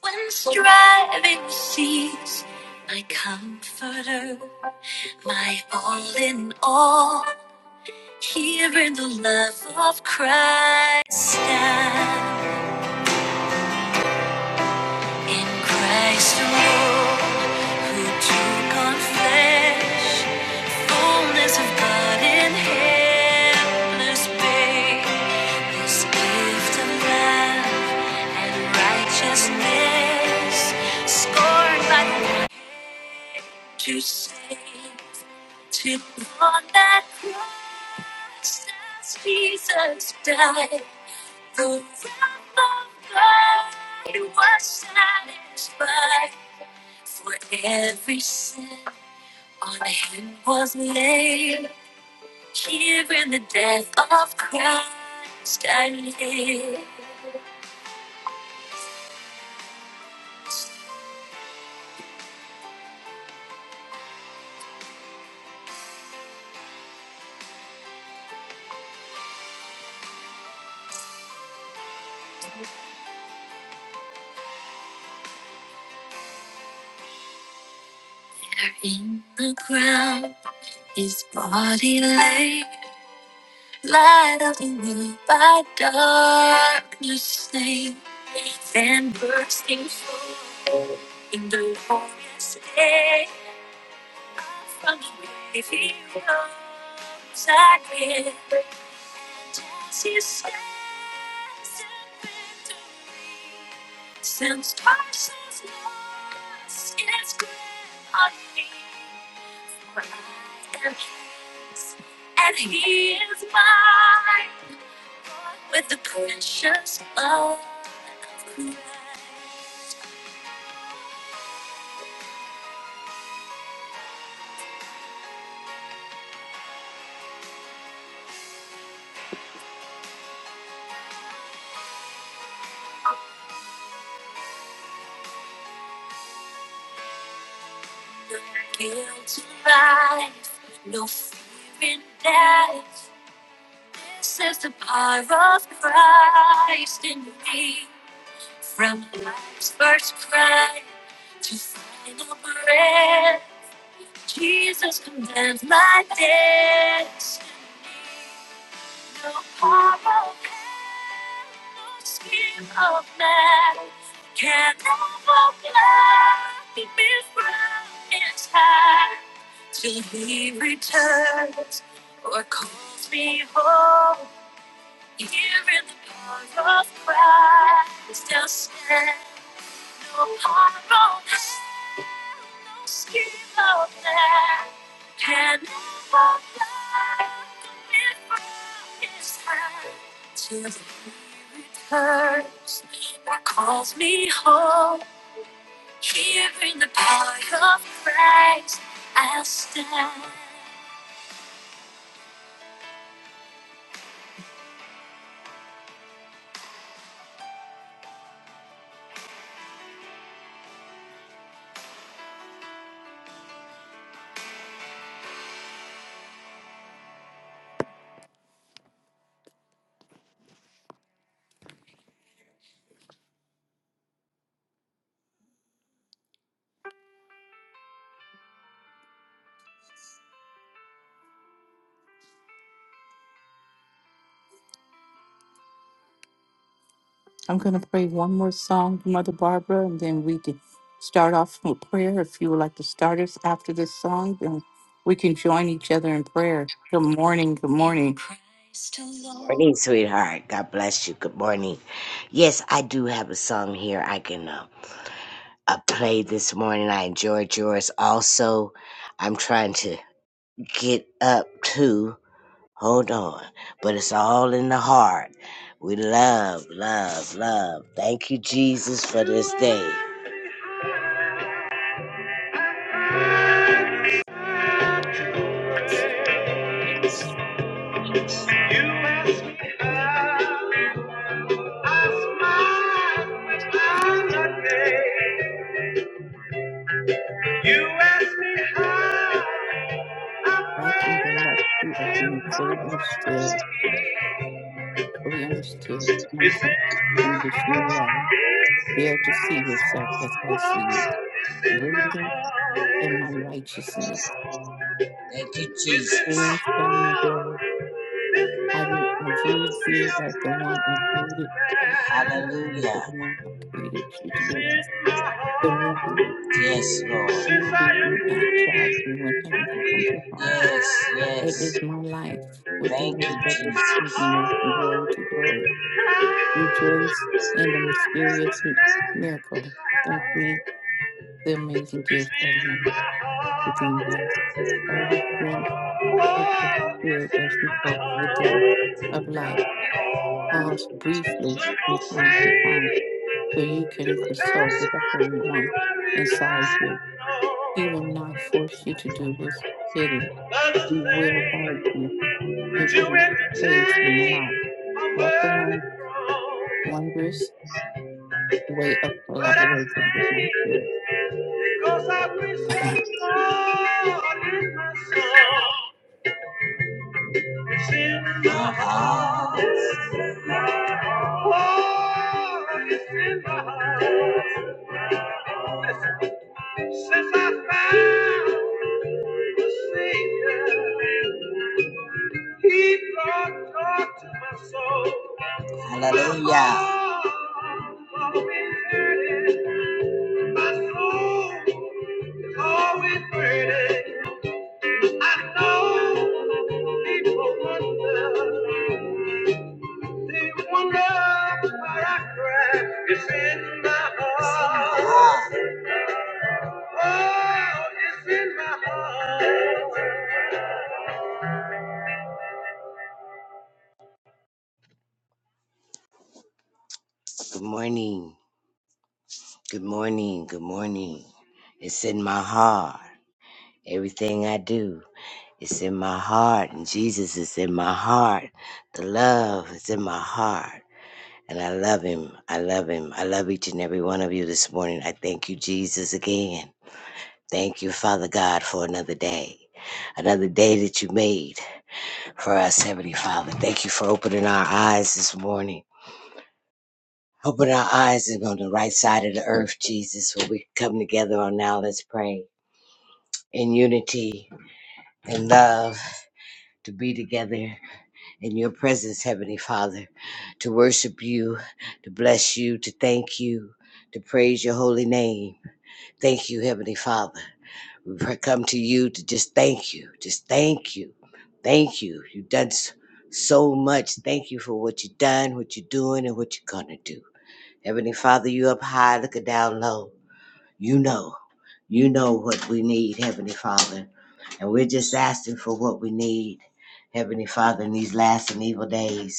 When striving cease, my comforter, my all in all, here in the love of Christ, in Christ alone, who took on flesh, fullness of God in endless babe, this gift of love and righteousness, scorned by the to save, to the one that Christ as Jesus died. The wrath of God was satisfied for every sin. On him was laid. Here in the death of Christ I live. There In the ground, his body lay. Light up in me by darkness name and bursting forth in the warmest day. From the grave he rose again. As he stands in victory, since twice as lost, it's great on me and he is mine with the precious blood of Christ. No guilt in life, no fear in death. This is the power of Christ in me. From life's first cry to final breath, Jesus commands my destiny. You are broken, Scheme of man can never plan the in time till he returns or calls me home. Here in the power of Christ, i stand. No power, no scheme of man can ever blind the vision of his heart till he returns or calls me home. Here in the power of Christ, I'll stand. Christ alone. Morning, sweetheart. God bless you. Good morning. Yes, I do have a song here I can uh, uh, play this morning. I enjoyed yours. Also, I'm trying to get up to. Hold on. But it's all in the heart. We love, love, love. Thank you, Jesus, for this day. You ask me out, I smile when I'm not there. You ask me how. It's in my heart, it's in my soul, it's in my heart. Thank you, Jesus. It's in my heart. This melody of love. Hallelujah. It's in my heart. Yes, Lord. Since I am free and he's Yes, mine. yes. yes. Thank It's you, in my Jesus. heart. It's in my heavenly ground. It's in my heart. It's in my heart. Oh, it's in my heart. It's in my heart. Simple faith to pass the worry I know. Other things. To entertain a burning throne, but I sing because I wish that God in my soul. It's in my heart. Oh, it's in my heart. since I found the Savior, He brought joy to my soul. Hallelujah. Ah, Oh, Good morning. Good morning. Good morning. It's in my heart. Everything I do. It's in my heart, and Jesus is in my heart. The love is in my heart. And I love him. I love him. I love each and every one of you this morning. I thank you, Jesus, again. Thank you, Father God, for another day. Another day that you made for us, Heavenly Father. Thank you for opening our eyes this morning. Open our eyes and on the right side of the earth, Jesus, where we come together on now. Let's pray in unity and love to be together in your presence, Heavenly Father, to worship you, to bless you, to thank you, to praise your holy name. Thank you, Heavenly Father. We come to you to just thank you, just thank you, thank you. You've done s- so much. Thank you for what you've done, what you're doing, and what you're going to do. Heavenly Father, you up high, looking down low. You know, you know what we need, Heavenly Father. And we're just asking for what we need, Heavenly Father, in these last and evil days.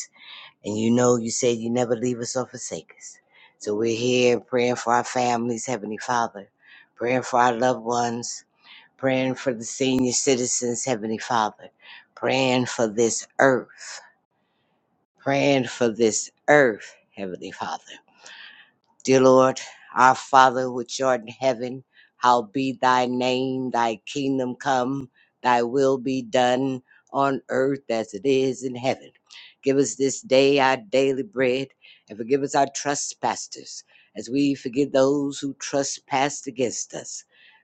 And you know, you said you never leave us or forsake us. So we're here praying for our families, Heavenly Father, praying for our loved ones, praying for the senior citizens, Heavenly Father, praying for this earth, praying for this earth, Heavenly Father. Dear Lord, our Father which art in heaven, hallowed be thy name, thy kingdom come, thy will be done on earth as it is in heaven. Give us this day our daily bread, and forgive us our trespasses, as we forgive those who trespass against us.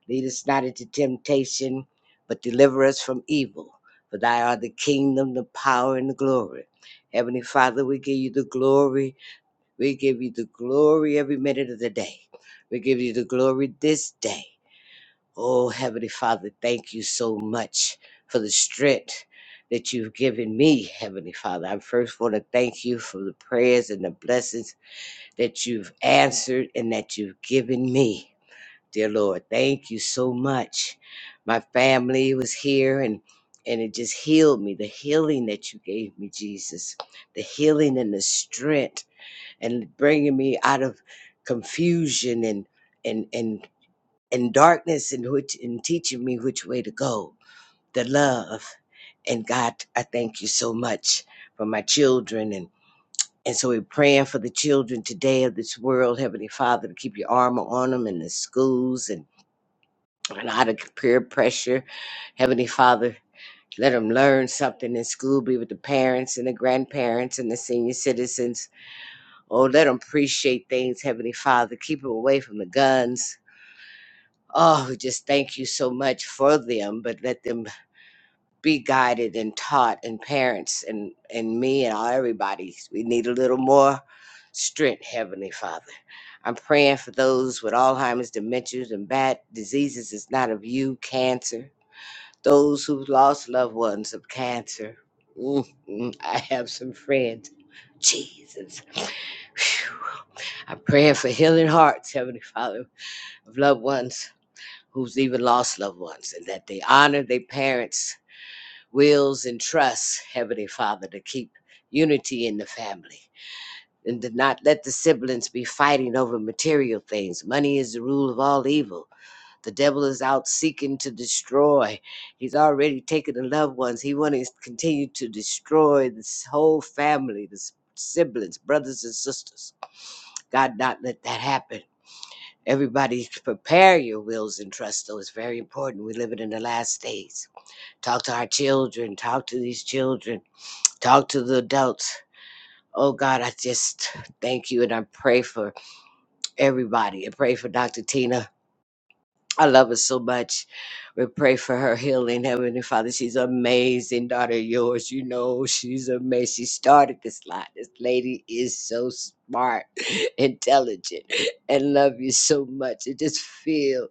Lead us not into temptation, but deliver us from evil. For thy art the kingdom, the power, and the glory. Heavenly Father, we give you the glory we give you the glory every minute of the day. We give you the glory this day. Oh, Heavenly Father, thank you so much for the strength that you've given me, Heavenly Father. I first want to thank you for the prayers and the blessings that you've answered and that you've given me. Dear Lord, thank you so much. My family was here and and it just healed me. The healing that you gave me, Jesus. The healing and the strength and bringing me out of confusion and and and and darkness and which and teaching me which way to go the love and god i thank you so much for my children and and so we're praying for the children today of this world heavenly father to keep your armor on them in the schools and and out of peer pressure heavenly father let them learn something in school be with the parents and the grandparents and the senior citizens Oh, let them appreciate things, Heavenly Father. Keep them away from the guns. Oh, we just thank you so much for them, but let them be guided and taught, and parents and, and me and all everybody. We need a little more strength, Heavenly Father. I'm praying for those with Alzheimer's, dementias, and bad diseases It's not of you, cancer. Those who've lost loved ones of cancer. Mm, mm, I have some friends. Jesus. Phew. I'm praying for healing hearts, Heavenly Father, of loved ones who's even lost loved ones, and that they honor their parents' wills and trusts, Heavenly Father, to keep unity in the family. And to not let the siblings be fighting over material things. Money is the rule of all evil. The devil is out seeking to destroy. He's already taken the loved ones. He wants to continue to destroy this whole family, the s- siblings, brothers and sisters. God, not let that happen. Everybody prepare your wills and trusts, though. It's very important. We live it in the last days. Talk to our children, talk to these children, talk to the adults. Oh God, I just thank you and I pray for everybody. I pray for Dr. Tina. I love her so much. We pray for her healing, Heavenly Father. She's an amazing daughter of yours. You know, she's amazing. She started this lot. This lady is so smart, intelligent, and love you so much. It just feels.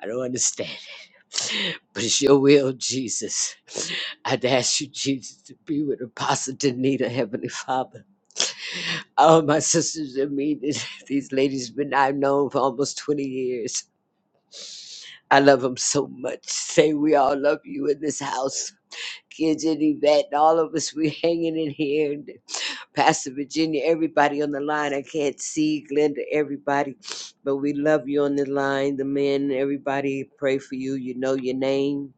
I don't understand it. But it's your will, Jesus. I'd ask you, Jesus, to be with Apostle Danita, Heavenly Father. All my sisters and me, this- these ladies been I've known for almost 20 years. I love them so much. Say we all love you in this house. Kids and Yvette and all of us, we hanging in here. And Pastor Virginia, everybody on the line. I can't see Glenda, everybody, but we love you on the line. The men, everybody, pray for you. You know your name.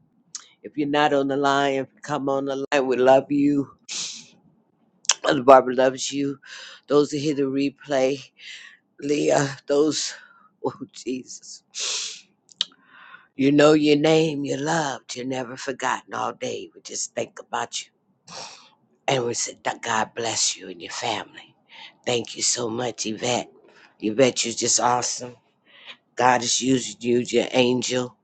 If you're not on the line, if you come on the line, we love you. Mother Barbara loves you. Those that hear the replay, Leah, those, oh Jesus. You know your name, you're loved, you're never forgotten all day. We just think about you. And we said, that God bless you and your family. Thank you so much, Yvette. Yvette, you're just awesome. God is using you, your angel,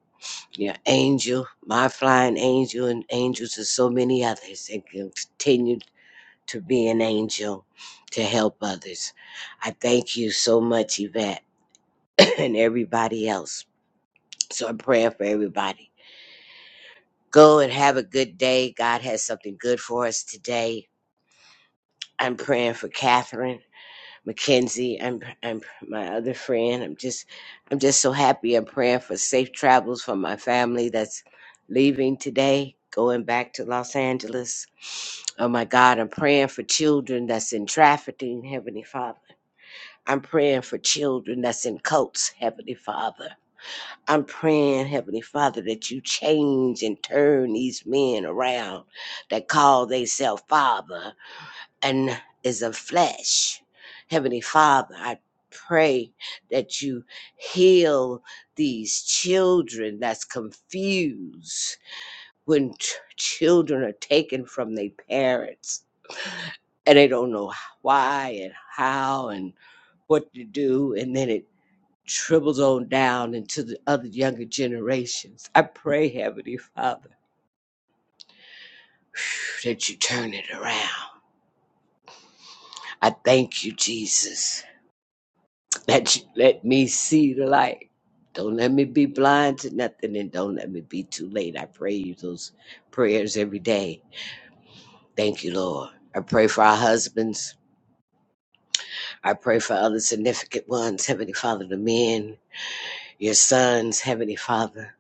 your angel, my flying angel, and angels and so many others. And continue to be an angel to help others. I thank you so much, Yvette, and everybody else. So I'm praying for everybody. Go and have a good day. God has something good for us today. I'm praying for Catherine McKenzie. I'm I'm my other friend. I'm just I'm just so happy. I'm praying for safe travels for my family that's leaving today, going back to Los Angeles. Oh my God, I'm praying for children that's in trafficking, Heavenly Father. I'm praying for children that's in cults, Heavenly Father. I'm praying, Heavenly Father, that you change and turn these men around that call themselves Father and is of flesh. Heavenly Father, I pray that you heal these children that's confused when t- children are taken from their parents and they don't know why and how and what to do and then it dribbled on down into the other younger generations. I pray, Heavenly Father, that you turn it around. I thank you, Jesus, that you let me see the light. Don't let me be blind to nothing and don't let me be too late. I pray you those prayers every day. Thank you, Lord. I pray for our husbands. I pray for other significant ones, Heavenly Father, the men, your sons, Heavenly Father.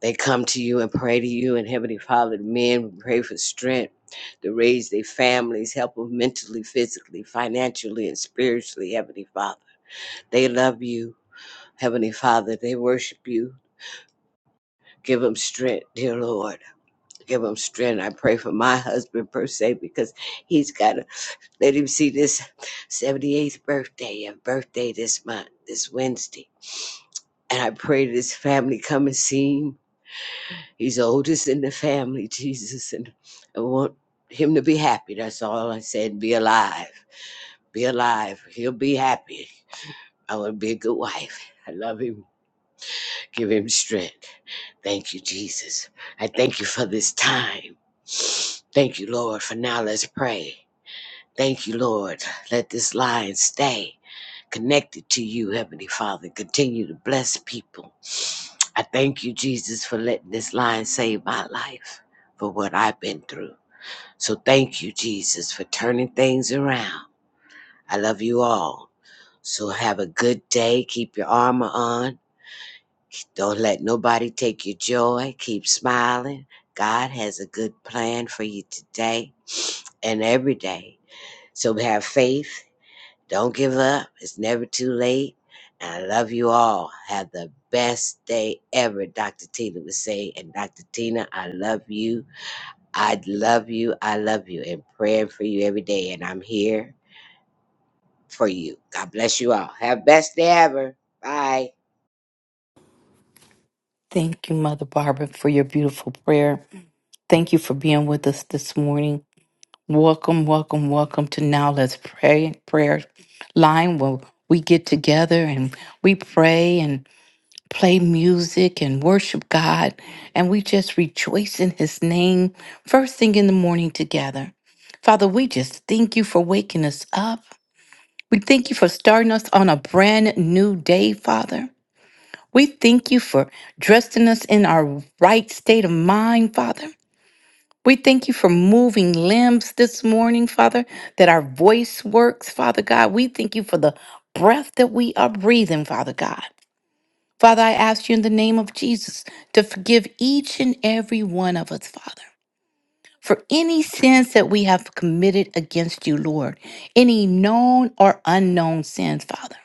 They come to you and pray to you, and Heavenly Father, men we pray for strength to raise their families, help them mentally, physically, financially, and spiritually, Heavenly Father. They love you, Heavenly Father. They worship you. Give them strength, dear Lord. Give them strength. I pray for my husband per se because he's got to let him see this 78th birthday and birthday this month, this Wednesday. And I pray this family come and see him He's the oldest in the family, Jesus, and I want him to be happy. That's all I said. Be alive. Be alive. He'll be happy. I want to be a good wife. I love him. Give him strength. Thank you, Jesus. I thank you for this time. Thank you, Lord, for now. Let's pray. Thank you, Lord. Let this line stay connected to you, Heavenly Father. Continue to bless people. I thank you, Jesus, for letting this line save my life for what I've been through. So thank you, Jesus, for turning things around. I love you all. So have a good day. Keep your armor on. Don't let nobody take your joy. Keep smiling. God has a good plan for you today and every day. So have faith don't give up. It's never too late. And I love you all. Have the best day ever, Dr. Tina would say. And Dr. Tina, I love you. I love you. I love you. And praying for you every day. And I'm here for you. God bless you all. Have best day ever. Bye. limbs this morning, Father, that our voice works, Father God. We thank you for the breath that we are breathing, Father God. Father, I ask you in the name of Jesus to forgive each and every one of us, Father, for any sins that we have committed against you, Lord, any known or unknown sins, Father.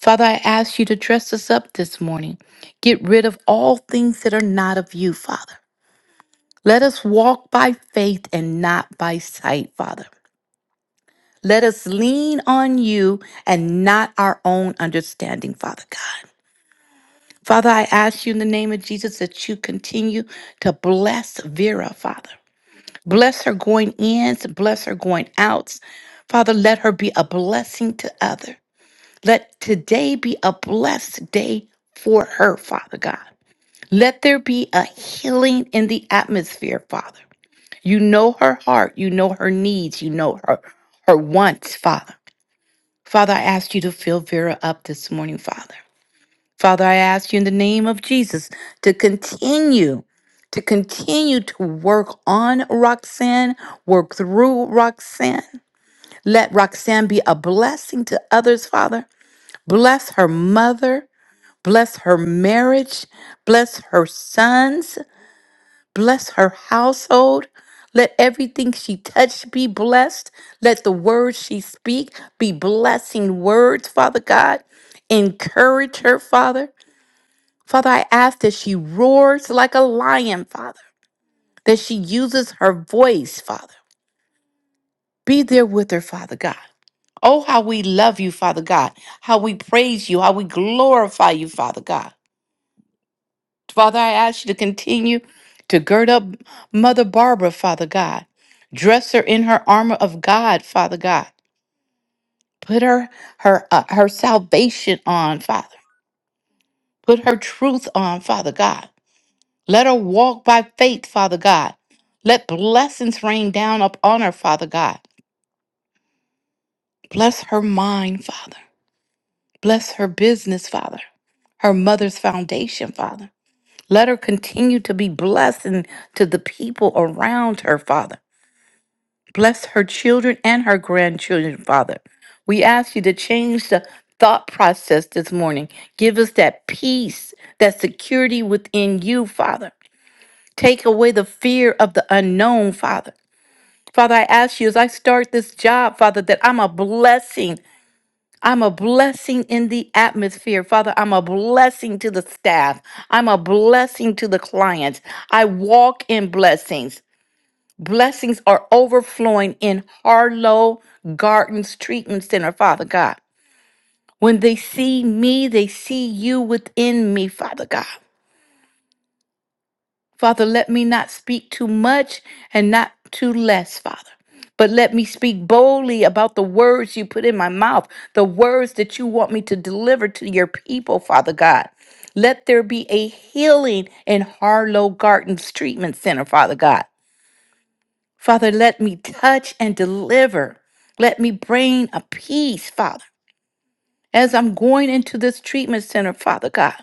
Father, I ask you to dress us up this morning. Get rid of all things that are not of you, Father. Let us walk by faith and not by sight, Father. Let us lean on you and not our own understanding, Father God. Father, I ask you in the name of Jesus that you continue to bless Vera, Father. Bless her going ins, bless her going outs. Father, let her be a blessing to others. Let today be a blessed day for her, Father God. Let there be a healing in the atmosphere, Father. You know her heart, you know her needs, you know her her wants, Father. Father, I ask you to fill Vera up this morning, Father. Father, I ask you in the name of Jesus to continue, to continue to work on Roxanne, work through Roxanne. Let Roxanne be a blessing to others, Father. Bless her mother. Bless her marriage. Bless her sons. Bless her household. Let everything she touched be blessed. Let the words she speak be blessing words, Father God. Encourage her, Father. Father, I ask that she roars like a lion, Father, that she uses her voice, Father. Be there with her, Father God. Oh, how we love you, Father God. How we praise you. How we glorify you, Father God. Father, I ask you to continue to gird up Mother Barbara, Father God. Dress her in her armor of God, Father God. Put her her uh, her salvation on, Father. Put her truth on, Father God. Let her walk by faith, Father God. Let blessings rain down upon her, Father God. Bless her mind, Father. Bless her business, Father. Her mother's foundation, Father. Let her continue to be blessing to the people around her, Father. Bless her children and her grandchildren, Father. We ask you to change the thought process this morning. Give us that peace, that security within you, Father. Take away the fear of the unknown, Father. Father, I ask you as I start this job, Father, that I'm a blessing. I'm a blessing in the atmosphere. Father, I'm a blessing to the staff. I'm a blessing to the clients. I walk in blessings. Blessings are overflowing in Harlow Gardens Treatment Center, Father God. When they see me, they see you within me, Father God. Father, let me not speak too much and not too less, Father. But let me speak boldly about the words you put in my mouth, the words that you want me to deliver to your people, Father God. Let there be a healing in Harlow Gardens Treatment Center, Father God. Father, let me touch and deliver. Let me bring a peace, Father. As I'm going into this treatment center, Father God,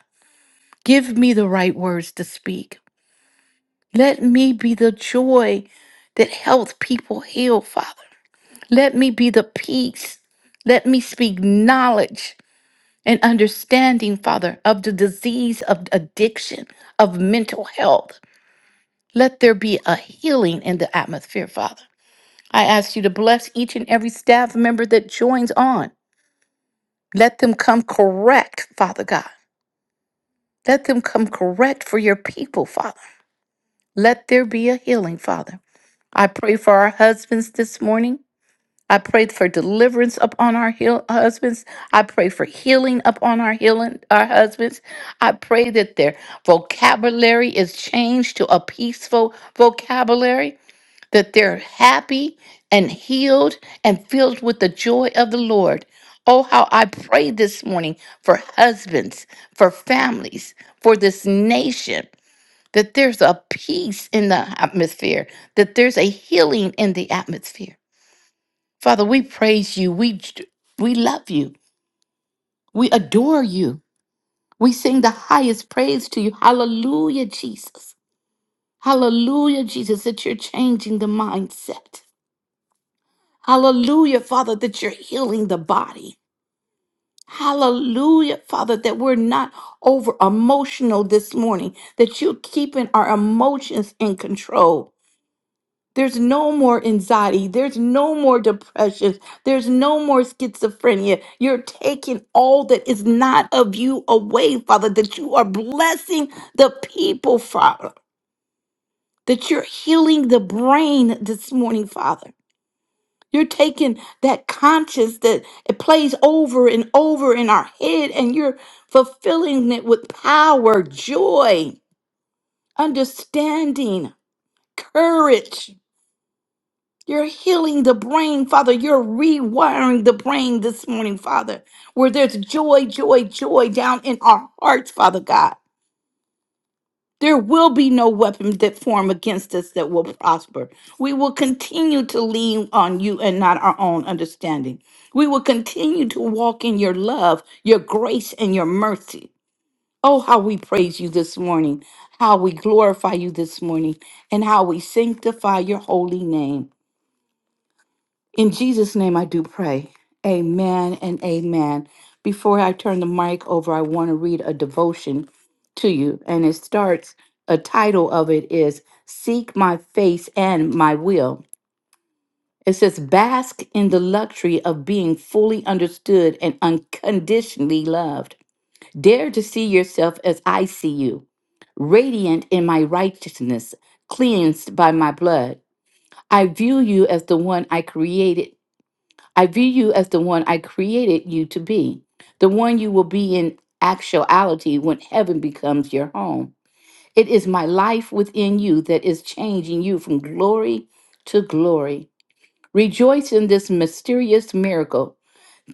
give me the right words to speak. Let me be the joy that helps people heal, Father. Let me be the peace. Let me speak knowledge and understanding, Father, of the disease of addiction, of mental health. Let there be a healing in the atmosphere, Father. I ask you to bless each and every staff member that joins on. Let them come correct, Father God. Let them come correct for your people, Father. Let there be a healing, Father. I pray for our husbands this morning. I pray for deliverance upon our heal- husbands. I pray for healing upon our healing our husbands. I pray that their vocabulary is changed to a peaceful vocabulary. that they're happy and healed and filled with the joy of the Lord. Oh, how I pray this morning for husbands, for families, for this nation, that there's a peace in the atmosphere, that there's a healing in the atmosphere. Father, we praise you. We, we love you. We adore you. We sing the highest praise to you. Hallelujah, Jesus. Hallelujah, Jesus, that you're changing the mindset. Hallelujah, Father, that you're healing the body. Hallelujah, Father, that we're not over emotional this morning, that you're keeping our emotions in control. There's no more anxiety. There's no more depression. There's no more schizophrenia. You're taking all that is not of you away, Father, that you are blessing the people, Father, that you're healing the brain this morning, Father. You're taking that conscious that it plays over and over in our head and you're fulfilling it with power, joy, understanding, courage. You're healing the brain, Father. You're rewiring the brain this morning, Father, where there's joy, joy, joy down in our hearts, Father God. There will be no weapon that form against us that will prosper. We will continue to lean on you and not our own understanding. We will continue to walk in your love, your grace, and your mercy. Oh, how we praise you this morning, how we glorify you this morning, and how we sanctify your holy name. In Jesus' name, I do pray. Amen and amen. Before I turn the mic over, I want to read a devotion to you. And it starts, a title of it is Seek My Face and My Will. It says, Bask in the luxury of being fully understood and unconditionally loved. Dare to see yourself as I see you, radiant in my righteousness, cleansed by my blood. I view you as the one I created I view you as the one I created you to be, the one you will be in actuality when heaven becomes your home. It is my life within you that is changing you from glory to glory. Rejoice in this mysterious miracle.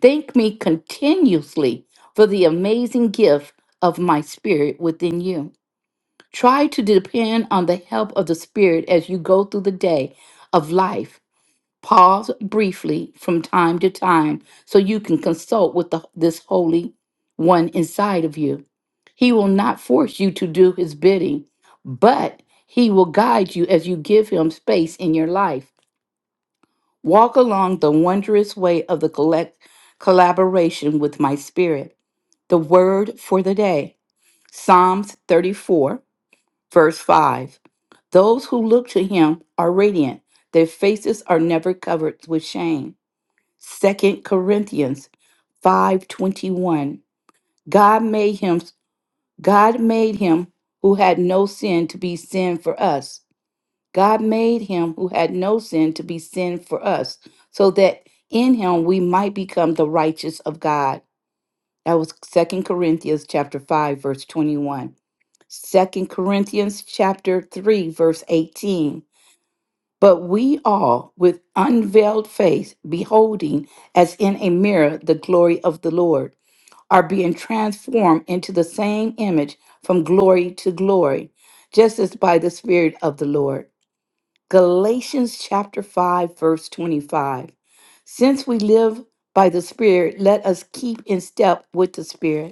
Thank me continuously for the amazing gift of my spirit within you. Try to depend on the help of the spirit as you go through the day of life Pause briefly from time to time so you can consult with the, this Holy One inside of you. He will not force you to do his bidding, but he will guide you as you give him space in your life. Walk along the wondrous way of the collect, collaboration with my spirit. The word for the day Psalms 34, verse 5. Those who look to him are radiant, their faces are never covered with shame. Second Corinthians 5:21 God made him God made him who had no sin to be sin for us. God made him who had no sin to be sin for us so that in him we might become the righteous of God. That was Second Corinthians chapter 5 verse 21. one. Second Corinthians chapter 3 verse 18. But we all, with unveiled face, beholding as in a mirror the glory of the Lord, are being transformed into the same image from glory to glory, just as by the Spirit of the Lord. Galatians chapter 5, verse 25. Since we live by the Spirit, let us keep in step with the Spirit.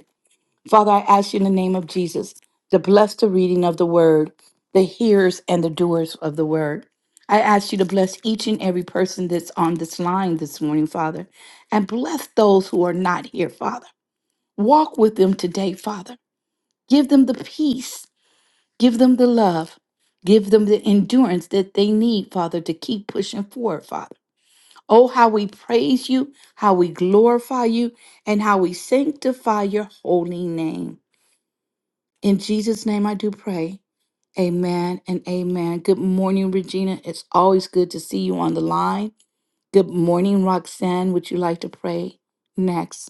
Father, I ask you in the name of Jesus to bless the reading of the word, the hearers and the doers of the word. I ask you to bless each and every person that's on this line this morning, Father, and bless those who are not here, Father. Walk with them today, Father. Give them the peace, give them the love, give them the endurance that they need, Father, to keep pushing forward, Father. Oh, how we praise you, how we glorify you, and how we sanctify your holy name. In Jesus' name I do pray. Amen and amen. Good morning, Regina. It's always good to see you on the line. Good morning, Roxanne. Would you like to pray next?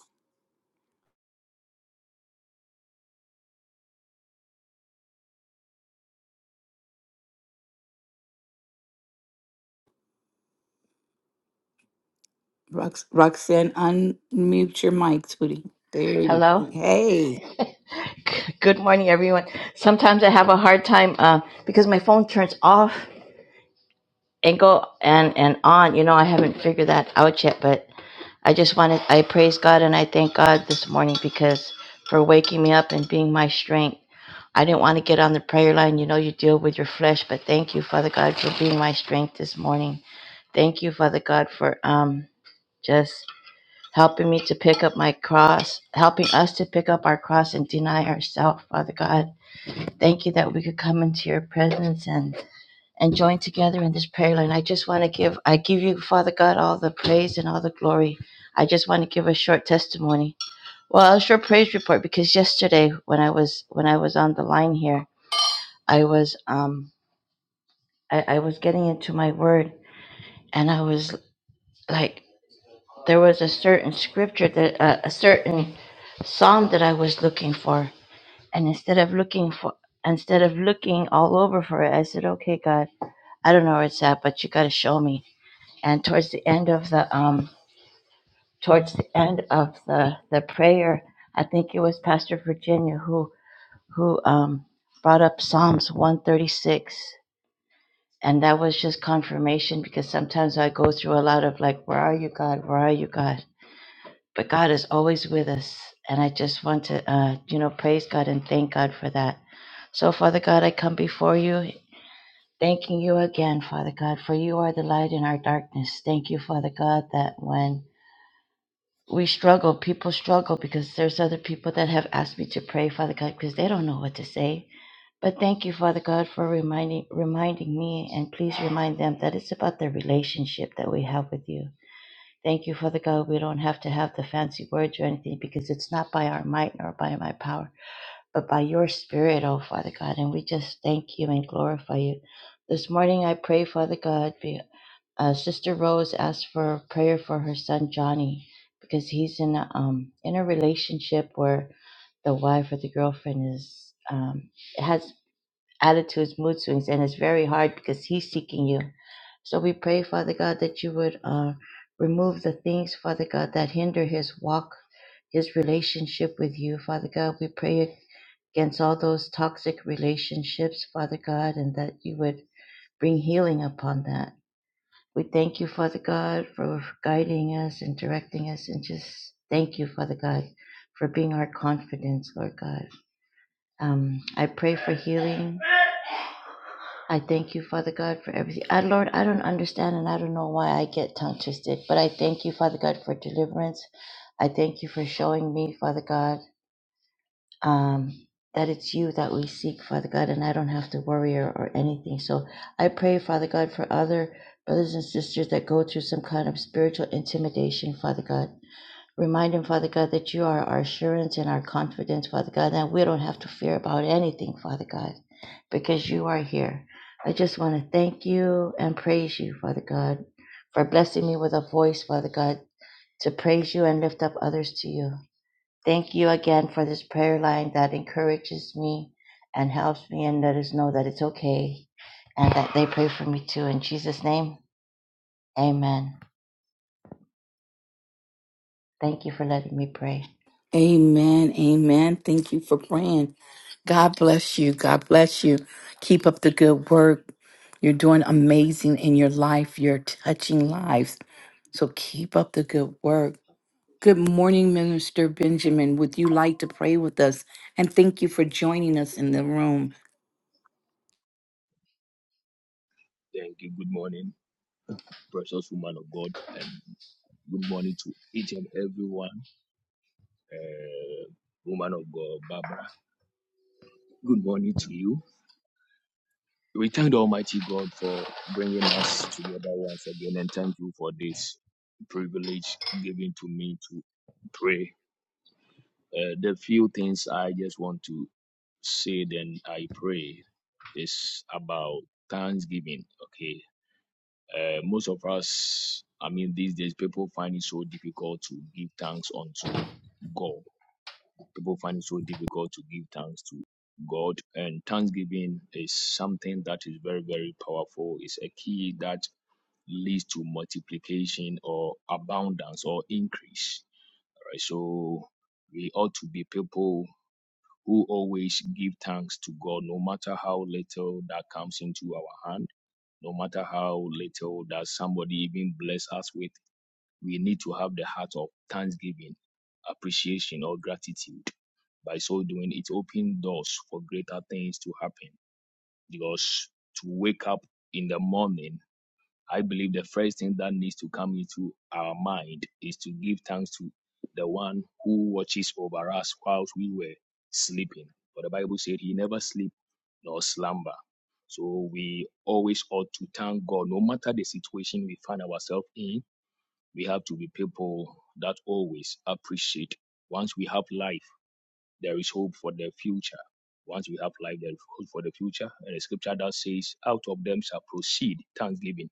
Rox- Roxanne, unmute your mic, sweetie. There you Hello. go. Hey. G- Good morning, everyone. Sometimes I have a hard time uh, because my phone turns off and go and and on. You know, I haven't figured that out yet. But I just wanted I praise God and I thank God this morning because for waking me up and being my strength. I didn't want to get on the prayer line. You know, you deal with your flesh, but thank you, Father God, for being my strength this morning. Thank you, Father God, for um just helping me to pick up my cross, helping us to pick up our cross and deny ourselves, Father God Thank you that we could come into your presence and and join together in this prayer line. I just want to give I give you Father God all the praise and all the glory. I just want to give a short testimony. Well, a short praise report because yesterday when I was when I was on the line here, I was um I, I was getting into my word and I was like there was a certain scripture that uh, a certain psalm that I was looking for and instead of looking for instead of looking all over for it, I said, "Okay, God, I don't know where it's at, but you got to show me. And towards the end of the um, towards the end of the the prayer, I think it was Pastor Virginia who who um, brought up Psalms one thirty six, and that was just confirmation because sometimes I go through a lot of like, where are you, God? Where are you, God? But God is always with us, and I just want to uh, you know praise God and thank God for that. So Father God, I come before you Thanking you again, Father God, for you are the light in our darkness. Thank you, Father God, that when we struggle, people struggle because there's other people that have asked me to pray, Father God, because they don't know what to say. But thank you, Father God, for reminding reminding me and please remind them that it's about the relationship that we have with you. Thank you, Father God. We don't have to have the fancy words or anything because it's not by our might nor by my power but by your Spirit, oh Father God. And we just thank you and glorify you. This morning, I pray, Father God, be, uh, Sister Rose asked for prayer for her son Johnny because he's in a, um, in a relationship where the wife or the girlfriend is um, has attitudes, mood swings, and it's very hard because He's seeking you. So we pray, Father God, that you would uh, remove the things, Father God, that hinder His walk, His relationship with you, Father God. We pray against all those toxic relationships, Father God, and that you would bring healing upon that. We thank you, Father God, for guiding us and directing us, and just thank you, Father God, for being our confidence, Lord God. Um, I pray for healing I thank you, Father God, for everything. I, Lord, I don't understand and I don't know why I get tongue twisted, but I thank you, Father God, for deliverance. I thank you for showing me, Father God, um, that it's you that we seek, Father God, and I don't have to worry or, or anything. So I pray, Father God, for other brothers and sisters that go through some kind of spiritual intimidation, Father God. Remind him, Father God, that you are our assurance and our confidence, Father God, that we don't have to fear about anything, Father God, because you are here. I just want to thank you and praise you, Father God, for blessing me with a voice, Father God, to praise you and lift up others to you. Thank you again for this prayer line that encourages me and helps me and let us know that it's okay and that they pray for me too. In Jesus' name, amen. Thank you for letting me pray. Amen. God Amen. Thank bless you for praying. God you. bless you. God God bless bless you. Keep up the you. good Keep work. us a good You're heart. doing You amazing do in your not say life. You're you're touching blind. That lives. you So might keep up the good work. Good morning, Minister be foolish. Benjamin. Would you like to pray with us? And thank you for joining us in the room. Thank you. Good morning, precious woman of God, and good morning to each and everyone. Uh, woman of God, Barbara. Good morning to you. We thank the Almighty God for bringing us together once again, and thank you for this privilege given to me to pray. Uh, the few things I just want to say, then I pray, is about thanksgiving. Okay, Uh, most of us, I mean, these days, people find it so difficult to give thanks unto God. People find it so difficult to give thanks to God. And thanksgiving is something that is very, very powerful. It's a key that leads to multiplication or abundance or increase. All right. So we ought to be people who always give thanks to God, no matter how little that comes into our hand, no matter how little that somebody even bless us with we need to have the heart of thanksgiving, appreciation, or gratitude. By so doing, it opens doors for greater things to happen. Because to wake up in the morning, I believe the first thing that needs to come into our mind is to give thanks to the one who watches over us whilst we were sleeping. But the Bible said he never sleep nor slumber. So we always ought to thank God no matter the situation we find ourselves in we have to be people that always appreciate. Once we have life, there is hope for the future. Once we have life, there is hope for the future. And the scripture that says, out of them shall proceed thanksgiving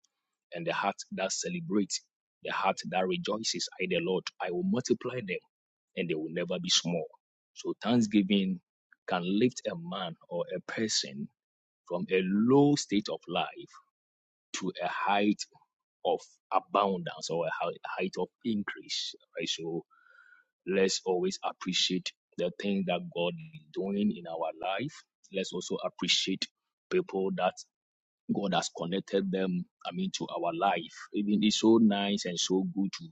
and the heart that celebrates, the heart that rejoices, I, the Lord, I will multiply them and they will never be small. So thanksgiving can lift a man or a person from a low state of life to a height of abundance or a height of increase. Right? So. Let's always appreciate the things that God is doing in our life. Let's also appreciate people that God has connected them, I mean, to our life. Even it's so nice and so good to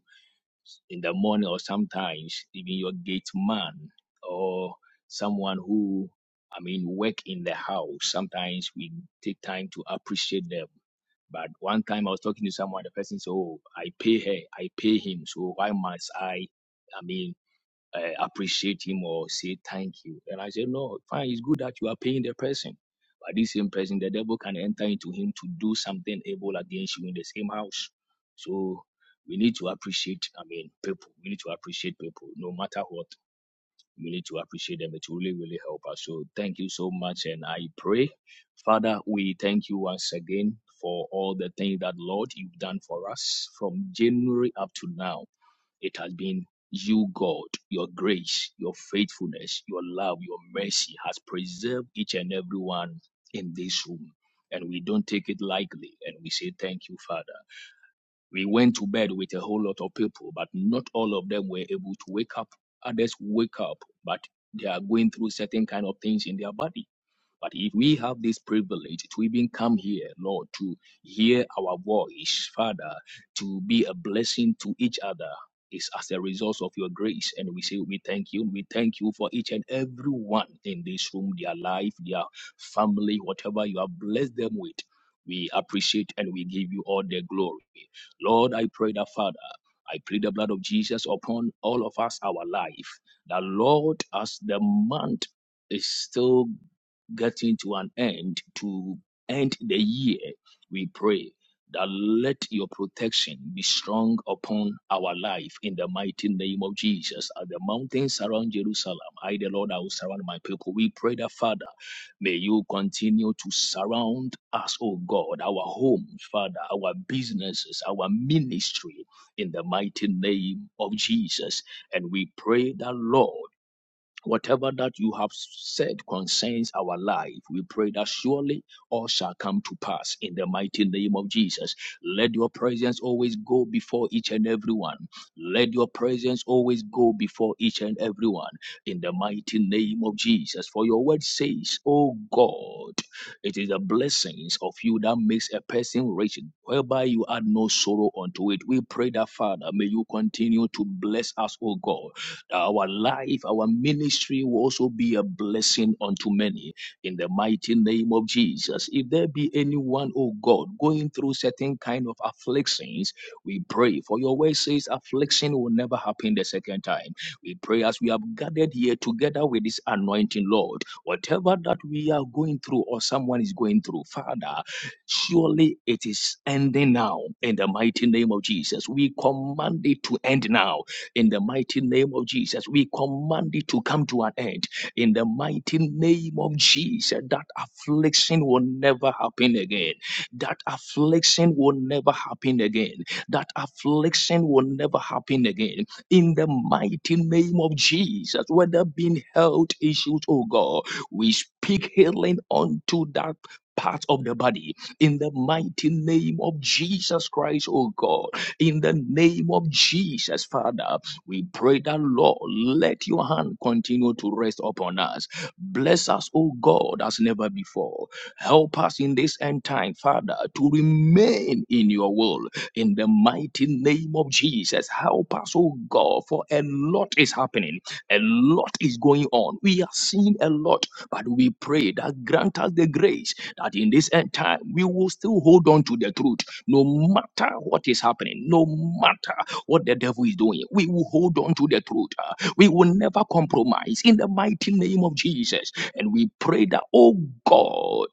in the morning or sometimes even your gate man or someone who I mean work in the house. Sometimes we take time to appreciate them. But one time I was talking to someone, the person said, Oh, I pay her, I pay him. So why must I? I mean, uh, appreciate him or say thank you. And I said, no, fine, it's good that you are paying the person. But this same person, the devil can enter into him to do something evil against you in the same house. So we need to appreciate, I mean, people. We need to appreciate people no matter what. We need to appreciate them. It will really, really help us. So thank you so much. And I pray, Father, we thank you once again for all the things that, Lord, you've done for us from January up to now. It has been you, God, your grace, your faithfulness, your love, your mercy has preserved each and every one in this room. And we don't take it lightly. And we say, Thank you, Father. We went to bed with a whole lot of people, but not all of them were able to wake up. Others wake up, but they are going through certain kind of things in their body but if we have this privilege to even come here, Lord, to hear our voice, Father, to be a blessing to each other, is as a result of your grace. And we say, We thank you. We thank you for each and every one in this room, their life, their family, whatever you have blessed them with. We appreciate and we give you all the glory. Lord, I pray that, Father, I plead the blood of Jesus upon all of us, our life. That, Lord, as the month is still getting to an end, to end the year, we pray that let your protection be strong upon our life in the mighty name of Jesus. As the mountains around Jerusalem, I, the Lord, I will surround my people. We pray that, Father, may you continue to surround us, oh God, our homes, Father, our businesses, our ministry, in the mighty name of Jesus. And we pray that, Lord, Whatever that you have said concerns our life, we pray that surely all shall come to pass in the mighty name of Jesus. Let your presence always go before each and every one. Let your presence always go before each and every one in the mighty name of Jesus. For your word says, O God, it is the blessings of you that makes a person rich, whereby you add no sorrow unto it. We pray that, Father, may you continue to bless us, O God our life, our ministry will also be a blessing unto many in the mighty name of Jesus. If there be anyone, oh God, going through certain kind of afflictions, we pray for your word says affliction will never happen the second time. We pray as we have gathered here together with this anointing, Lord, whatever that we are going through or someone is going through, Father, surely it is ending now in the mighty name of Jesus. We command it to end now in the mighty name of Jesus, we command it to come to an end. In the mighty name of Jesus, that affliction will never happen again. That affliction will never happen again. That affliction will never happen again. In the mighty name of Jesus, whether being health issues, oh God, we speak healing unto that part of the body in the mighty name of Jesus Christ, oh God, in the name of Jesus, Father. We pray that, Lord, let your hand continue to rest upon us. Bless us, O God, as never before. Help us in this end time, Father, to remain in your will. In the mighty name of Jesus, help us, O God, for a lot is happening. A lot is going on. We are seeing a lot, but we pray that grant us the grace that in this end time we will still hold on to the truth, no matter what is happening, no matter what the devil is doing. We will hold on to the truth. uh, We will never compromise in the mighty name of Jesus. And we pray that, oh God,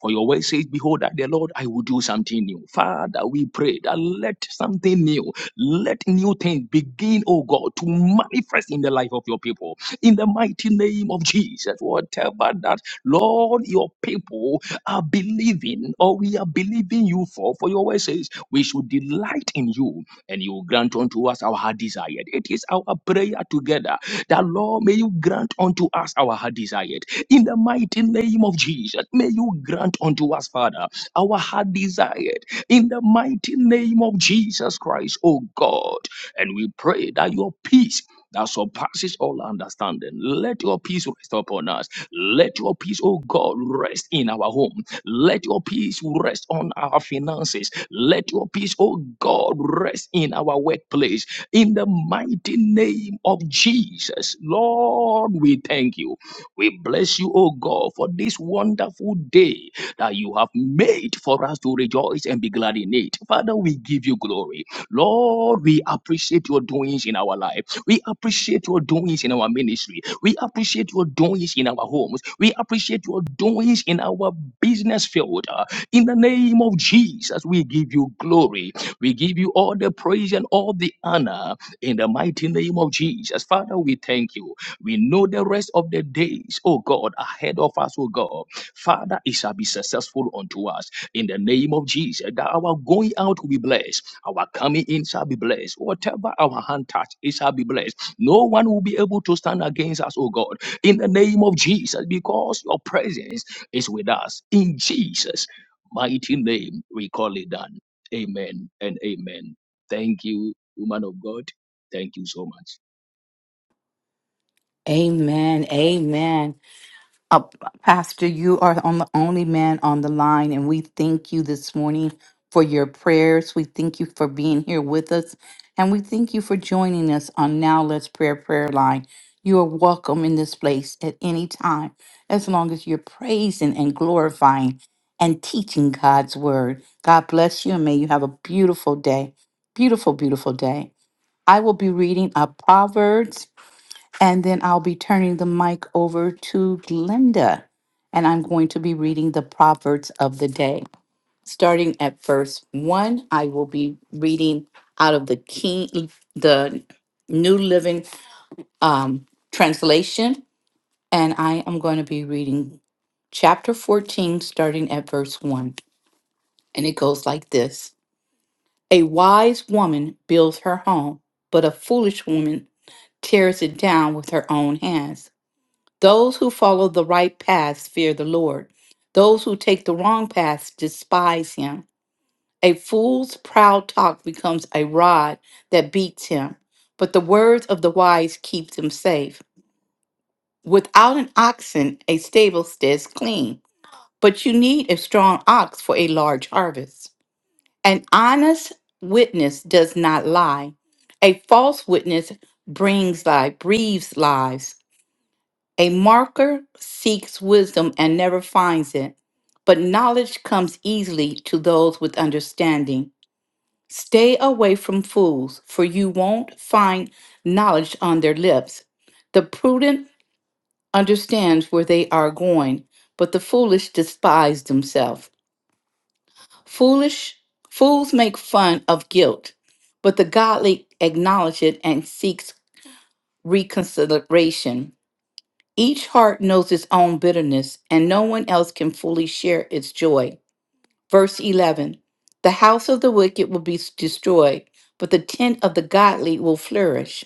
for your word says, Behold, that the Lord, I will do something new. Father, we pray that let something new, let new things begin, oh God, to manifest in the life of your people. In the mighty name of Jesus, whatever that, Lord, your people are believing or we are believing you for, for your word says, we should delight in you and you will grant unto us our heart desired. It is our prayer together that, Lord, may you grant unto us our heart desired. In the mighty name of Jesus, may you grant unto us, Father, our heart desired. In the mighty name of Jesus Christ, O God. And we pray that your peace that surpasses all understanding. Let your peace rest upon us. Let your peace, oh God, rest in our home. Let your peace rest on our finances. Let your peace, oh God, rest in our workplace. In the mighty name of Jesus, Lord, we thank you. We bless you, oh God, for this wonderful day that you have made for us to rejoice and be glad in it. Father, we give you glory. Lord, we appreciate your doings in our life. We appreciate your doings in our ministry. We appreciate your doings in our homes. We appreciate your doings in our business field. Uh, In the name of Jesus, we give you glory. We give you all the praise and all the honor in the mighty name of Jesus. Father, we thank you. We know the rest of the days, oh God, ahead of us, oh God. Father, it shall be successful unto us in the name of Jesus. That our going out will be blessed, our coming in shall be blessed. Whatever our hand touch, it shall be blessed. No one will be able to stand against us, oh God, in the name of Jesus, because your presence is with us. In Jesus' mighty name, we call it done. Amen and amen. Thank you, woman of God. Thank you so much. Amen. Amen. Uh, Pastor, you are on the only man on the line, and we thank you this morning for your prayers. We thank you for being here with us, and we thank you for joining us on Now Let's Prayer Prayer Line. You are welcome in this place at any time, as long as you're praising and glorifying and teaching God's word. God bless you, and may you have a beautiful day. Beautiful, beautiful day. I will be reading a Proverbs and then I'll be turning the mic over to Glenda. And I'm going to be reading the Proverbs of the day. Starting at verse one, I will be reading out of the King, the New Living um, Translation. And I am going to be reading chapter 14, starting at verse one. And it goes like this A wise woman builds her home, but a foolish woman tears it down with her own hands. Those who follow the right paths fear the Lord. Those who take the wrong paths despise him. A fool's proud talk becomes a rod that beats him, but the words of the wise keeps him safe. Without an oxen, a stable stays clean, but you need a strong ox for a large harvest. An honest witness does not lie. A false witness brings lie, breathes lies. A marker seeks wisdom and never finds it, but knowledge comes easily to those with understanding. Stay away from fools, for you won't find knowledge on their lips. The prudent understands where they are going, but the foolish despise themselves. Foolish fools make fun of guilt, but the godly acknowledge it and seeks reconciliation. Each heart knows its own bitterness, and no one else can fully share its joy. Verse 11 The house of the wicked will be destroyed, but the tent of the godly will flourish.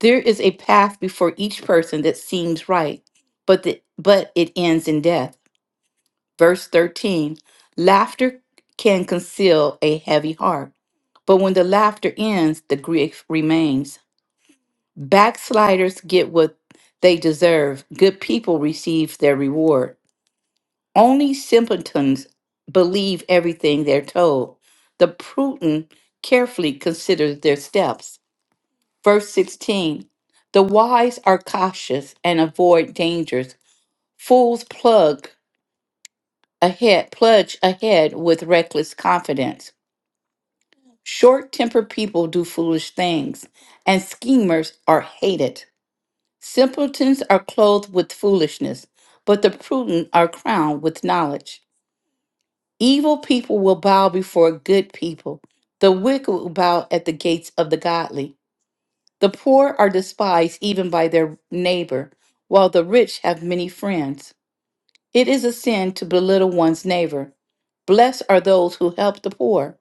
There is a path before each person that seems right, but, the, but it ends in death. Verse 13 Laughter can conceal a heavy heart, but when the laughter ends, the grief remains. Backsliders get what they deserve. Good people receive their reward. Only simpletons believe everything they're told. The prudent carefully considers their steps. Verse 16 The wise are cautious and avoid dangers. Fools plug ahead, plunge ahead with reckless confidence. Short tempered people do foolish things, and schemers are hated. Simpletons are clothed with foolishness, but the prudent are crowned with knowledge. Evil people will bow before good people, the wicked will bow at the gates of the godly. The poor are despised even by their neighbor, while the rich have many friends. It is a sin to belittle one's neighbor. Blessed are those who help the poor.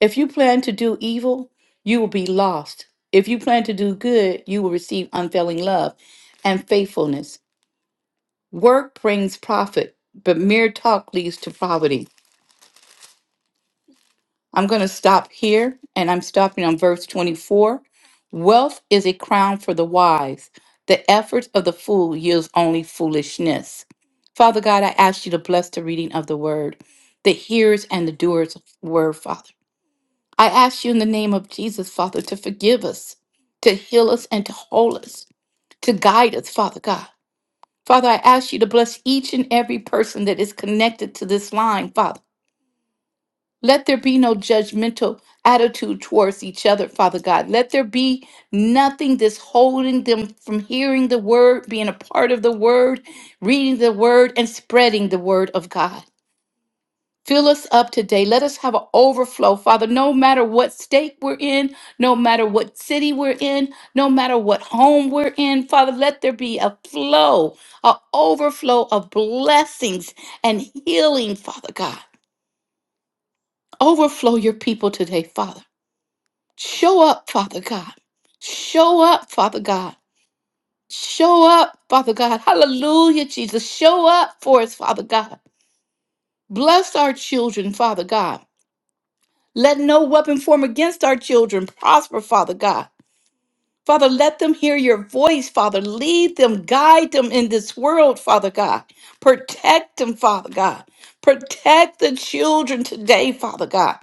If you plan to do evil, you will be lost. If you plan to do good, you will receive unfailing love and faithfulness. Work brings profit, but mere talk leads to poverty. I'm going to stop here, and I'm stopping on verse 24. Wealth is a crown for the wise. The effort of the fool yields only foolishness. Father God, I ask you to bless the reading of the word, the hearers and the doers of the word, Father. I ask you in the name of Jesus, Father, to forgive us, to heal us, and to hold us, to guide us, Father God. Father, I ask you to bless each and every person that is connected to this line, Father. Let there be no judgmental attitude towards each other, Father God. Let there be nothing that's holding them from hearing the word, being a part of the word, reading the word, and spreading the word of God. Fill us up today. Let us have an overflow, Father. No matter what state we're in, no matter what city we're in, no matter what home we're in, Father, let there be a flow, an overflow of blessings and healing, Father God. Overflow your people today, Father. Show up, Father God. Show up, Father God. Show up, Father God. Hallelujah, Jesus. Show up for us, Father God. Bless our children, Father God. Let no weapon form against our children prosper, Father God. Father, let them hear your voice, Father. Lead them, guide them in this world, Father God. Protect them, Father God. Protect the children today, Father God.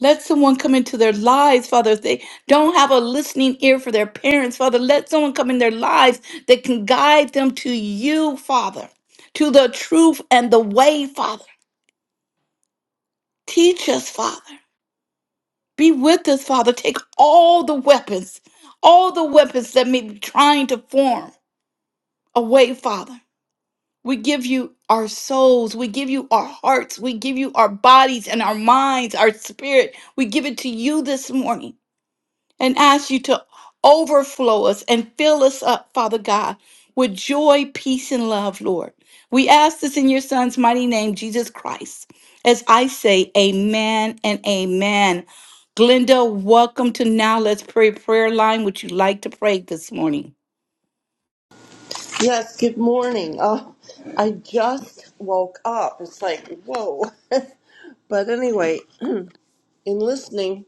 Let someone come into their lives, Father. If they don't have a listening ear for their parents, Father, let someone come in their lives that can guide them to you, Father, to the truth and the way, Father. Teach us, Father. Be with us, Father. Take all the weapons, all the weapons that may be trying to form away, Father. We give you our souls. We give you our hearts. We give you our bodies and our minds, our spirit. We give it to you this morning and ask you to overflow us and fill us up, Father God, with joy, peace, and love, Lord. We ask this in your Son's mighty name, Jesus Christ. As I say, Amen and Amen. Glenda, welcome to Now Let's Pray Prayer Line. Would you like to pray this morning? Yes, good morning. Oh, I just woke up. It's like, whoa. but anyway, in listening,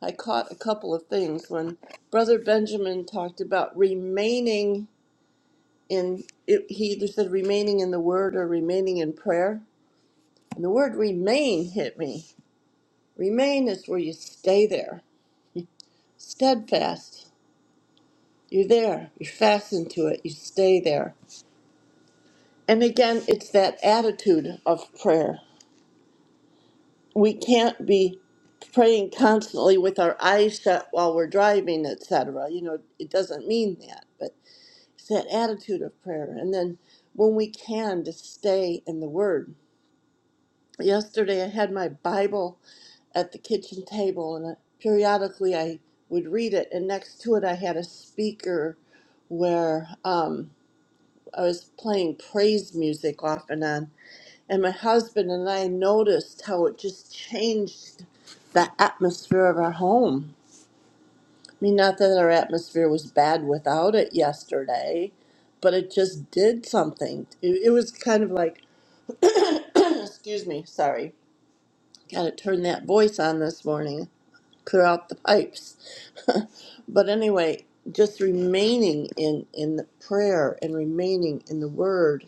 I caught a couple of things when Brother Benjamin talked about remaining in, it, he either said remaining in the word or remaining in prayer. And the word remain hit me. Remain is where you stay there, steadfast. You're there, you're fastened to it, you stay there. And again, it's that attitude of prayer we can't be praying constantly with our eyes shut while we're driving, etc. You know, it doesn't mean that, but it's that attitude of prayer. And then when we can, to stay in the Word. Yesterday, I had my Bible at the kitchen table, and I, periodically I would read it, and next to it, I had a speaker where um, I was playing praise music off and on. And my husband and I noticed how it just changed the atmosphere of our home. I mean, not that our atmosphere was bad without it yesterday, but it just did something. It, it was kind of like, excuse me, sorry, got to turn that voice on this morning, clear out the pipes. but anyway, just remaining in, in the prayer and remaining in the word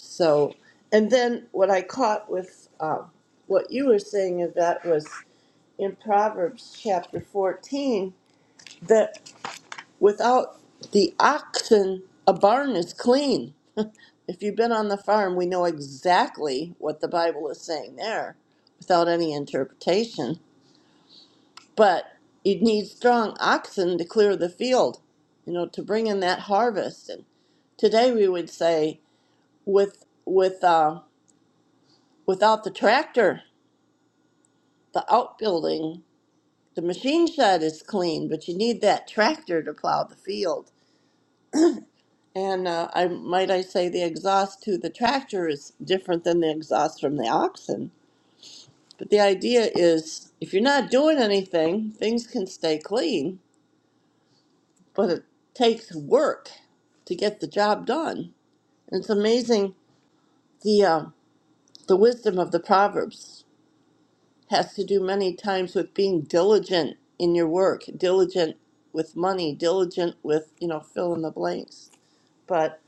So, and then what I caught with uh, what you were saying of that was in Proverbs chapter 14 that without the oxen, a barn is clean. If you've been on the farm, we know exactly what the Bible is saying there without any interpretation. But you'd need strong oxen to clear the field, you know, to bring in that harvest. And today we would say, with with uh, without the tractor the outbuilding, the machine shed is clean, but you need that tractor to plow the field. And uh, I might I say the exhaust to the tractor is different than the exhaust from the oxen. But the idea is if you're not doing anything, things can stay clean, but it takes work to get the job done. And it's amazing the uh, the wisdom of the proverbs. has to do many times with being diligent in your work, diligent with money, diligent with, you know, fill in the blanks. But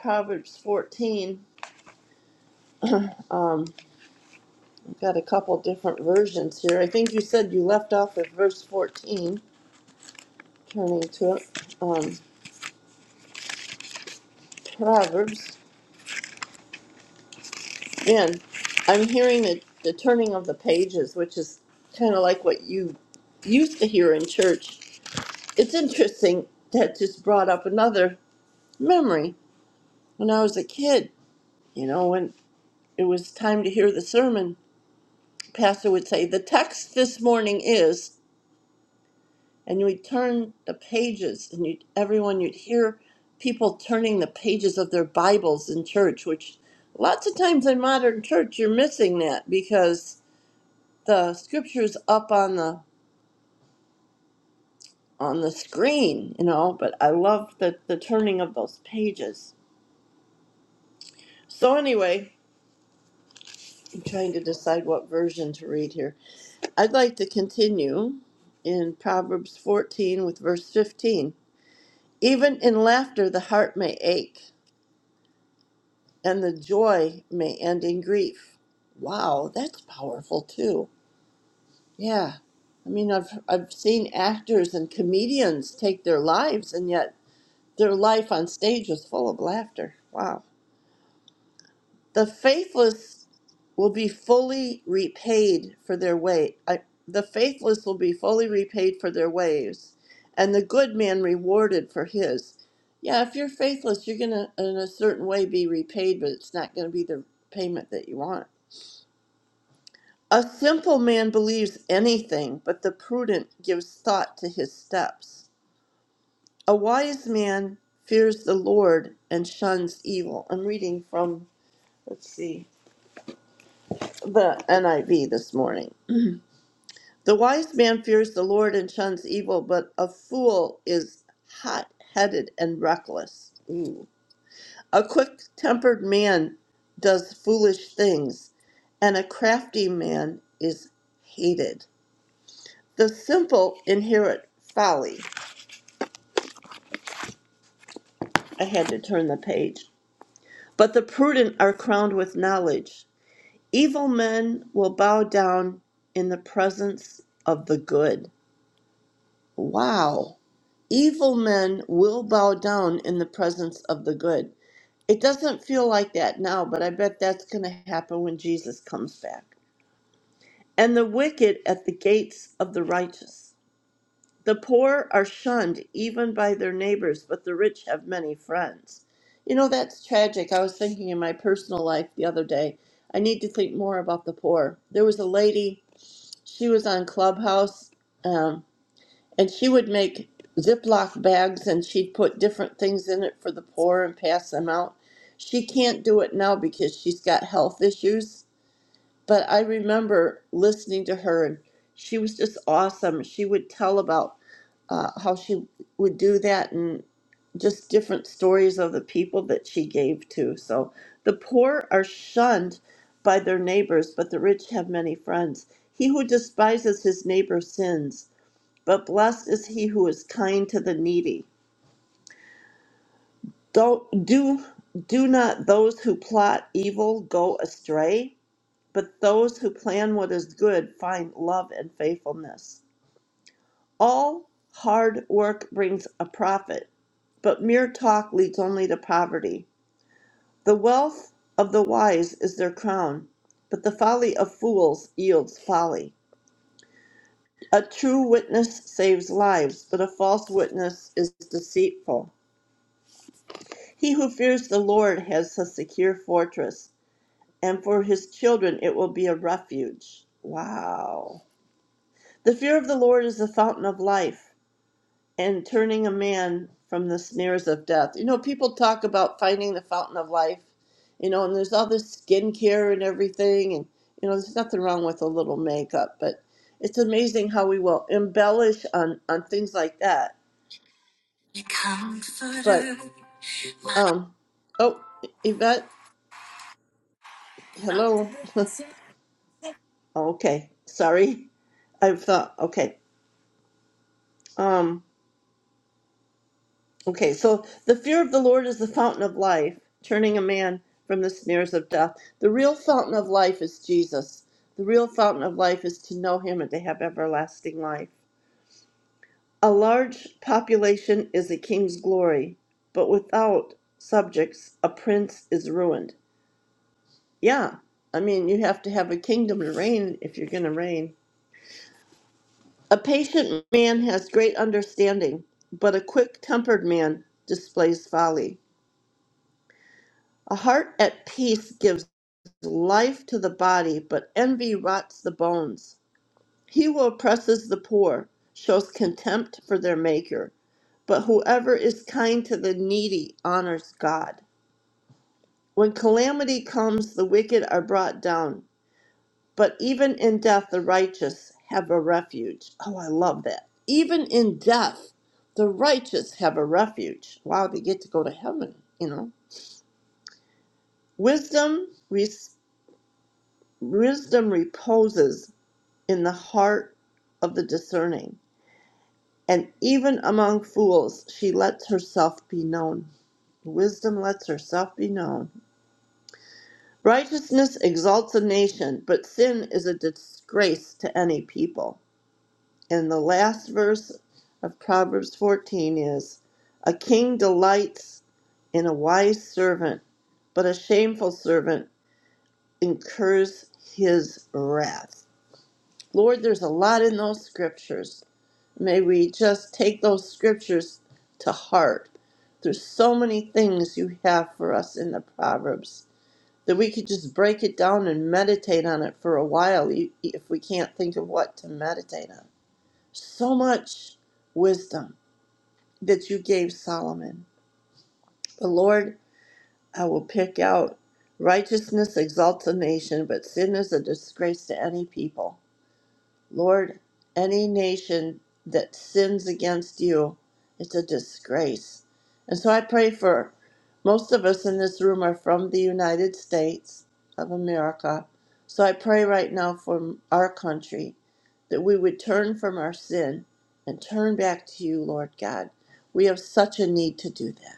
Proverbs 14, um, I've got a couple different versions here. I think you said you left off at verse 14, turning to it. Um, Proverbs. and I'm hearing the, the turning of the pages, which is kind of like what you used to hear in church. It's interesting that just brought up another memory when I was a kid, you know, when it was time to hear the sermon, pastor would say, "The text this morning is," and you would turn the pages, and you'd everyone you'd hear people turning the pages of their Bibles in church, which lots of times in modern church you're missing that because the scripture's up on the on the screen, you know. But I love the the turning of those pages. So anyway, I'm trying to decide what version to read here. I'd like to continue in Proverbs 14 with verse 15. Even in laughter, the heart may ache, and the joy may end in grief. Wow, that's powerful too. Yeah. I mean, I've, I've seen actors and comedians take their lives, and yet their life on stage is full of laughter. Wow. The faithless will be fully repaid for their way. I, the faithless will be fully repaid for their ways, and the good man rewarded for his. Yeah, if you're faithless, you're gonna in a certain way be repaid, but it's not gonna be the payment that you want. A simple man believes anything, but the prudent gives thought to his steps. A wise man fears the Lord and shuns evil. I'm reading from, let's see, the NIV this morning. The wise man fears the Lord and shuns evil, but a fool is hot headed and reckless. Ooh. A quick tempered man does foolish things, and a crafty man is hated. The simple inherit folly. I had to turn the page. But the prudent are crowned with knowledge. Evil men will bow down in the presence of the good. Wow. Evil men will bow down in the presence of the good. It doesn't feel like that now, but I bet that's going to happen when Jesus comes back. And the wicked at the gates of the righteous. The poor are shunned even by their neighbors, but the rich have many friends. You know, that's tragic. I was thinking in my personal life the other day, I need to think more about the poor. There was a lady, she was on Clubhouse. Um, and she would make Ziploc bags and she'd put different things in it for the poor and pass them out. She can't do it now because she's got health issues. But I remember listening to her and she was just awesome. She would tell about uh, how she would do that and just different stories of the people that she gave to. So the poor are shunned by their neighbors, but the rich have many friends. He who despises his neighbor sins but blessed is he who is kind to the needy. Don't do do not those who plot evil go astray, but those who plan what is good find love and faithfulness. All hard work brings a profit, but mere talk leads only to poverty. The wealth of the wise is their crown, but the folly of fools yields folly. A true witness saves lives, but a false witness is deceitful. He who fears the Lord has a secure fortress, and for his children it will be a refuge. Wow. The fear of the Lord is the fountain of life and turning a man from the snares of death. You know, people talk about finding the fountain of life, you know, and there's all this skincare and everything. And, you know, there's nothing wrong with a little makeup, but it's amazing how we will embellish on, on things like that. But, um, oh, Yvette, hello. Okay, sorry. I thought, okay. Um, okay, so the fear of the Lord is the fountain of life, turning a man from the snares of death. The real fountain of life is Jesus. The real fountain of life is to know him and to have everlasting life. A large population is a king's glory, but without subjects, a prince is ruined. Yeah, I mean, you have to have a kingdom to reign if you're going to reign. A patient man has great understanding, but a quick tempered man displays folly. A heart at peace gives life to the body, but envy rots the bones. He who oppresses the poor shows contempt for their maker, but whoever is kind to the needy honors God. When calamity comes, the wicked are brought down, But even in death, the righteous have a refuge. Oh, I love that. Even in death, the righteous have a refuge. Wow, they get to go to heaven, you know. Wisdom, res- wisdom reposes in the heart of the discerning. And even among fools, she lets herself be known. Wisdom lets herself be known. Righteousness exalts a nation, but sin is a disgrace to any people. And the last verse of Proverbs 14 is A king delights in a wise servant, but a shameful servant incurs his wrath. Lord, there's a lot in those scriptures. May we just take those scriptures to heart. There's so many things you have for us in the Proverbs that we could just break it down and meditate on it for a while e- e, if we can't think of what to meditate on. So much wisdom that you gave Solomon. But Lord, I will pick out righteousness exalts a nation, but sin is a disgrace to any people. Lord, any nation that sins against you, it's a disgrace. And so I pray for most of us in this room are from the United States of America. So I pray right now for our country that we would turn from our sin and turn back to you, Lord God. We have such a need to do that.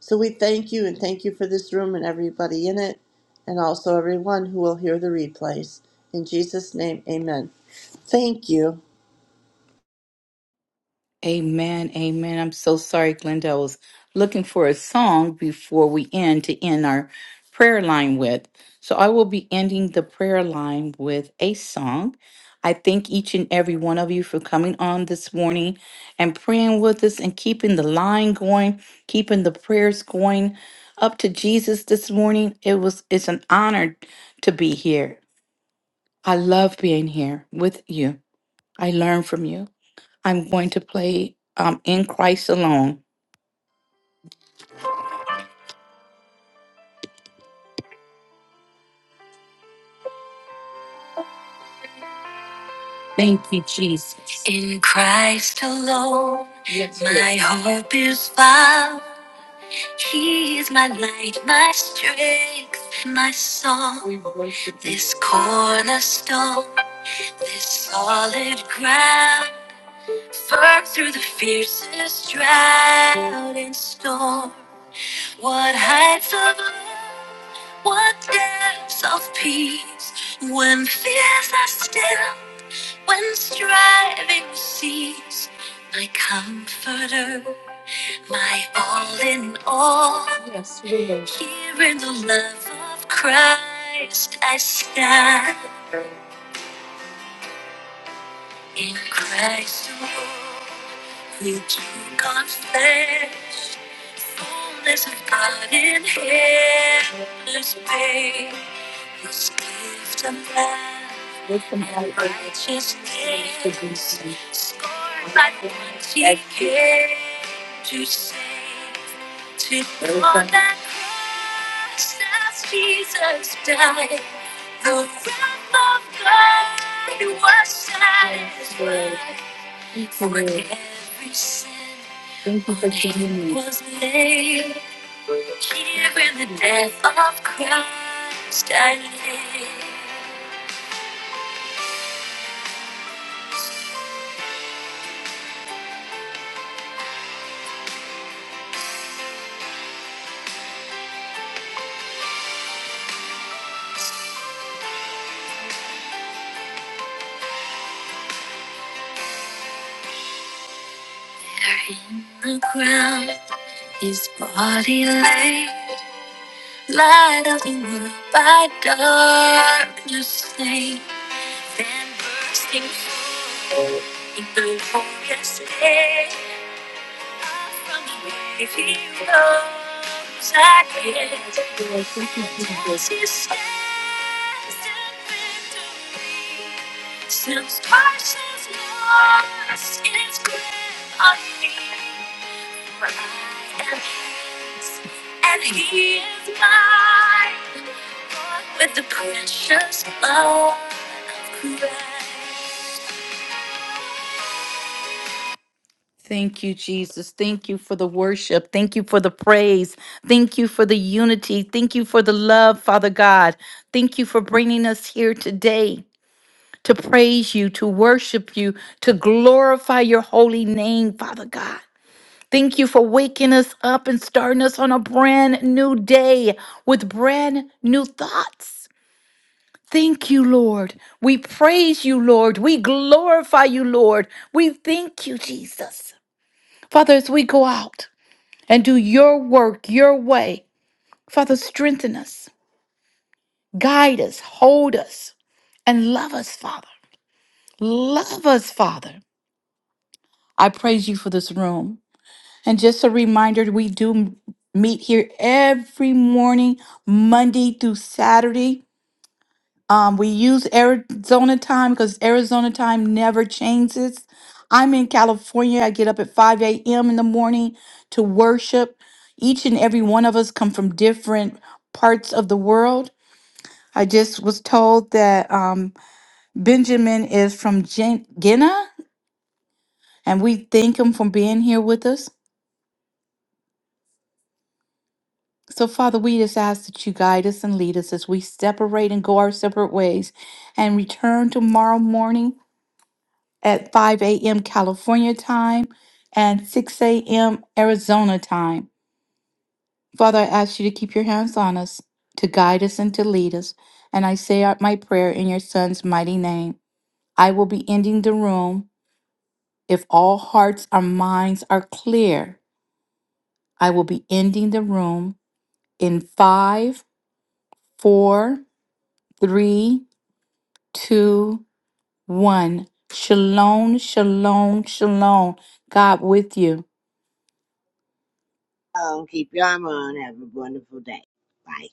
So we thank you and thank you for this room and everybody in it, and also everyone who will hear the replays. In Jesus' name, amen. Thank you. Amen, amen. I'm so sorry, Glenda. I was looking for a song before we end to end our prayer line with. So I will be ending the prayer line with a song. I thank each and every one of you for coming on this morning and praying with us and keeping the line going, keeping the prayers going up to Jesus this morning. It was it's an honor to be here. I love being here with you. I learn from you. I'm going to play um, In Christ Alone. In Christ alone, Yes, my yes. hope is found. He is my light, my strength, my song. This cornerstone, this solid ground, firm through the fiercest drought and storm. What heights of love, what depths of peace, when fears are still, when striving cease. My comforter, my all in all, here in the love of Christ I stand. In Christ alone, who took on flesh, fullness of God in heaven's babe. His gift of love, his gift scorned by the ones he came to save. To know that cross as Jesus died, the wrath of God was satisfied. Every sin was laid here in the death of Christ. I live. There in the ground. His body lay, light of the world by darkness slain. Then bursting forth in glorious day, up from the grave he rose again. Was his steadfast victory, since Christ has lost his grip on me. And, and he is mine with the precious blood of Christ. Thank you, Jesus. Thank you for the worship. Thank you for the praise. Thank you for the unity. Thank you for the love, Father God. Thank you for bringing us here today to praise you, to worship you, to glorify your holy name, Father God. Thank you for waking us up and starting us on a brand new day with brand new thoughts. Thank you, Lord. We praise you, Lord. We glorify you, Lord. We thank you, Jesus. Father, as we go out and do your work your way, Father, strengthen us, guide us, hold us, and love us, Father. Love us, Father. I praise you for this room. And just a reminder, we do m- meet here every morning, Monday through Saturday. Um, we use Arizona time because Arizona time never changes. I'm in California. I get up at 5 a.m. in the morning to worship. Each and every one of us come from different parts of the world. I just was told that um, Benjamin is from Gen- Guinea, and we thank him for being here with us. So, Father, we just ask that you guide us and lead us as we separate and go our separate ways and return tomorrow morning at 5 a.m. California time and 6 a.m. Arizona time. Father, I ask you to keep your hands on us, to guide us and to lead us. And I say out my prayer in your son's mighty name. I will be ending the room. If all hearts and minds are clear, I will be ending the room in five, four, three two, one. Shalom, shalom, shalom. God with you. Um, keep your arm on. Have a wonderful day. Bye.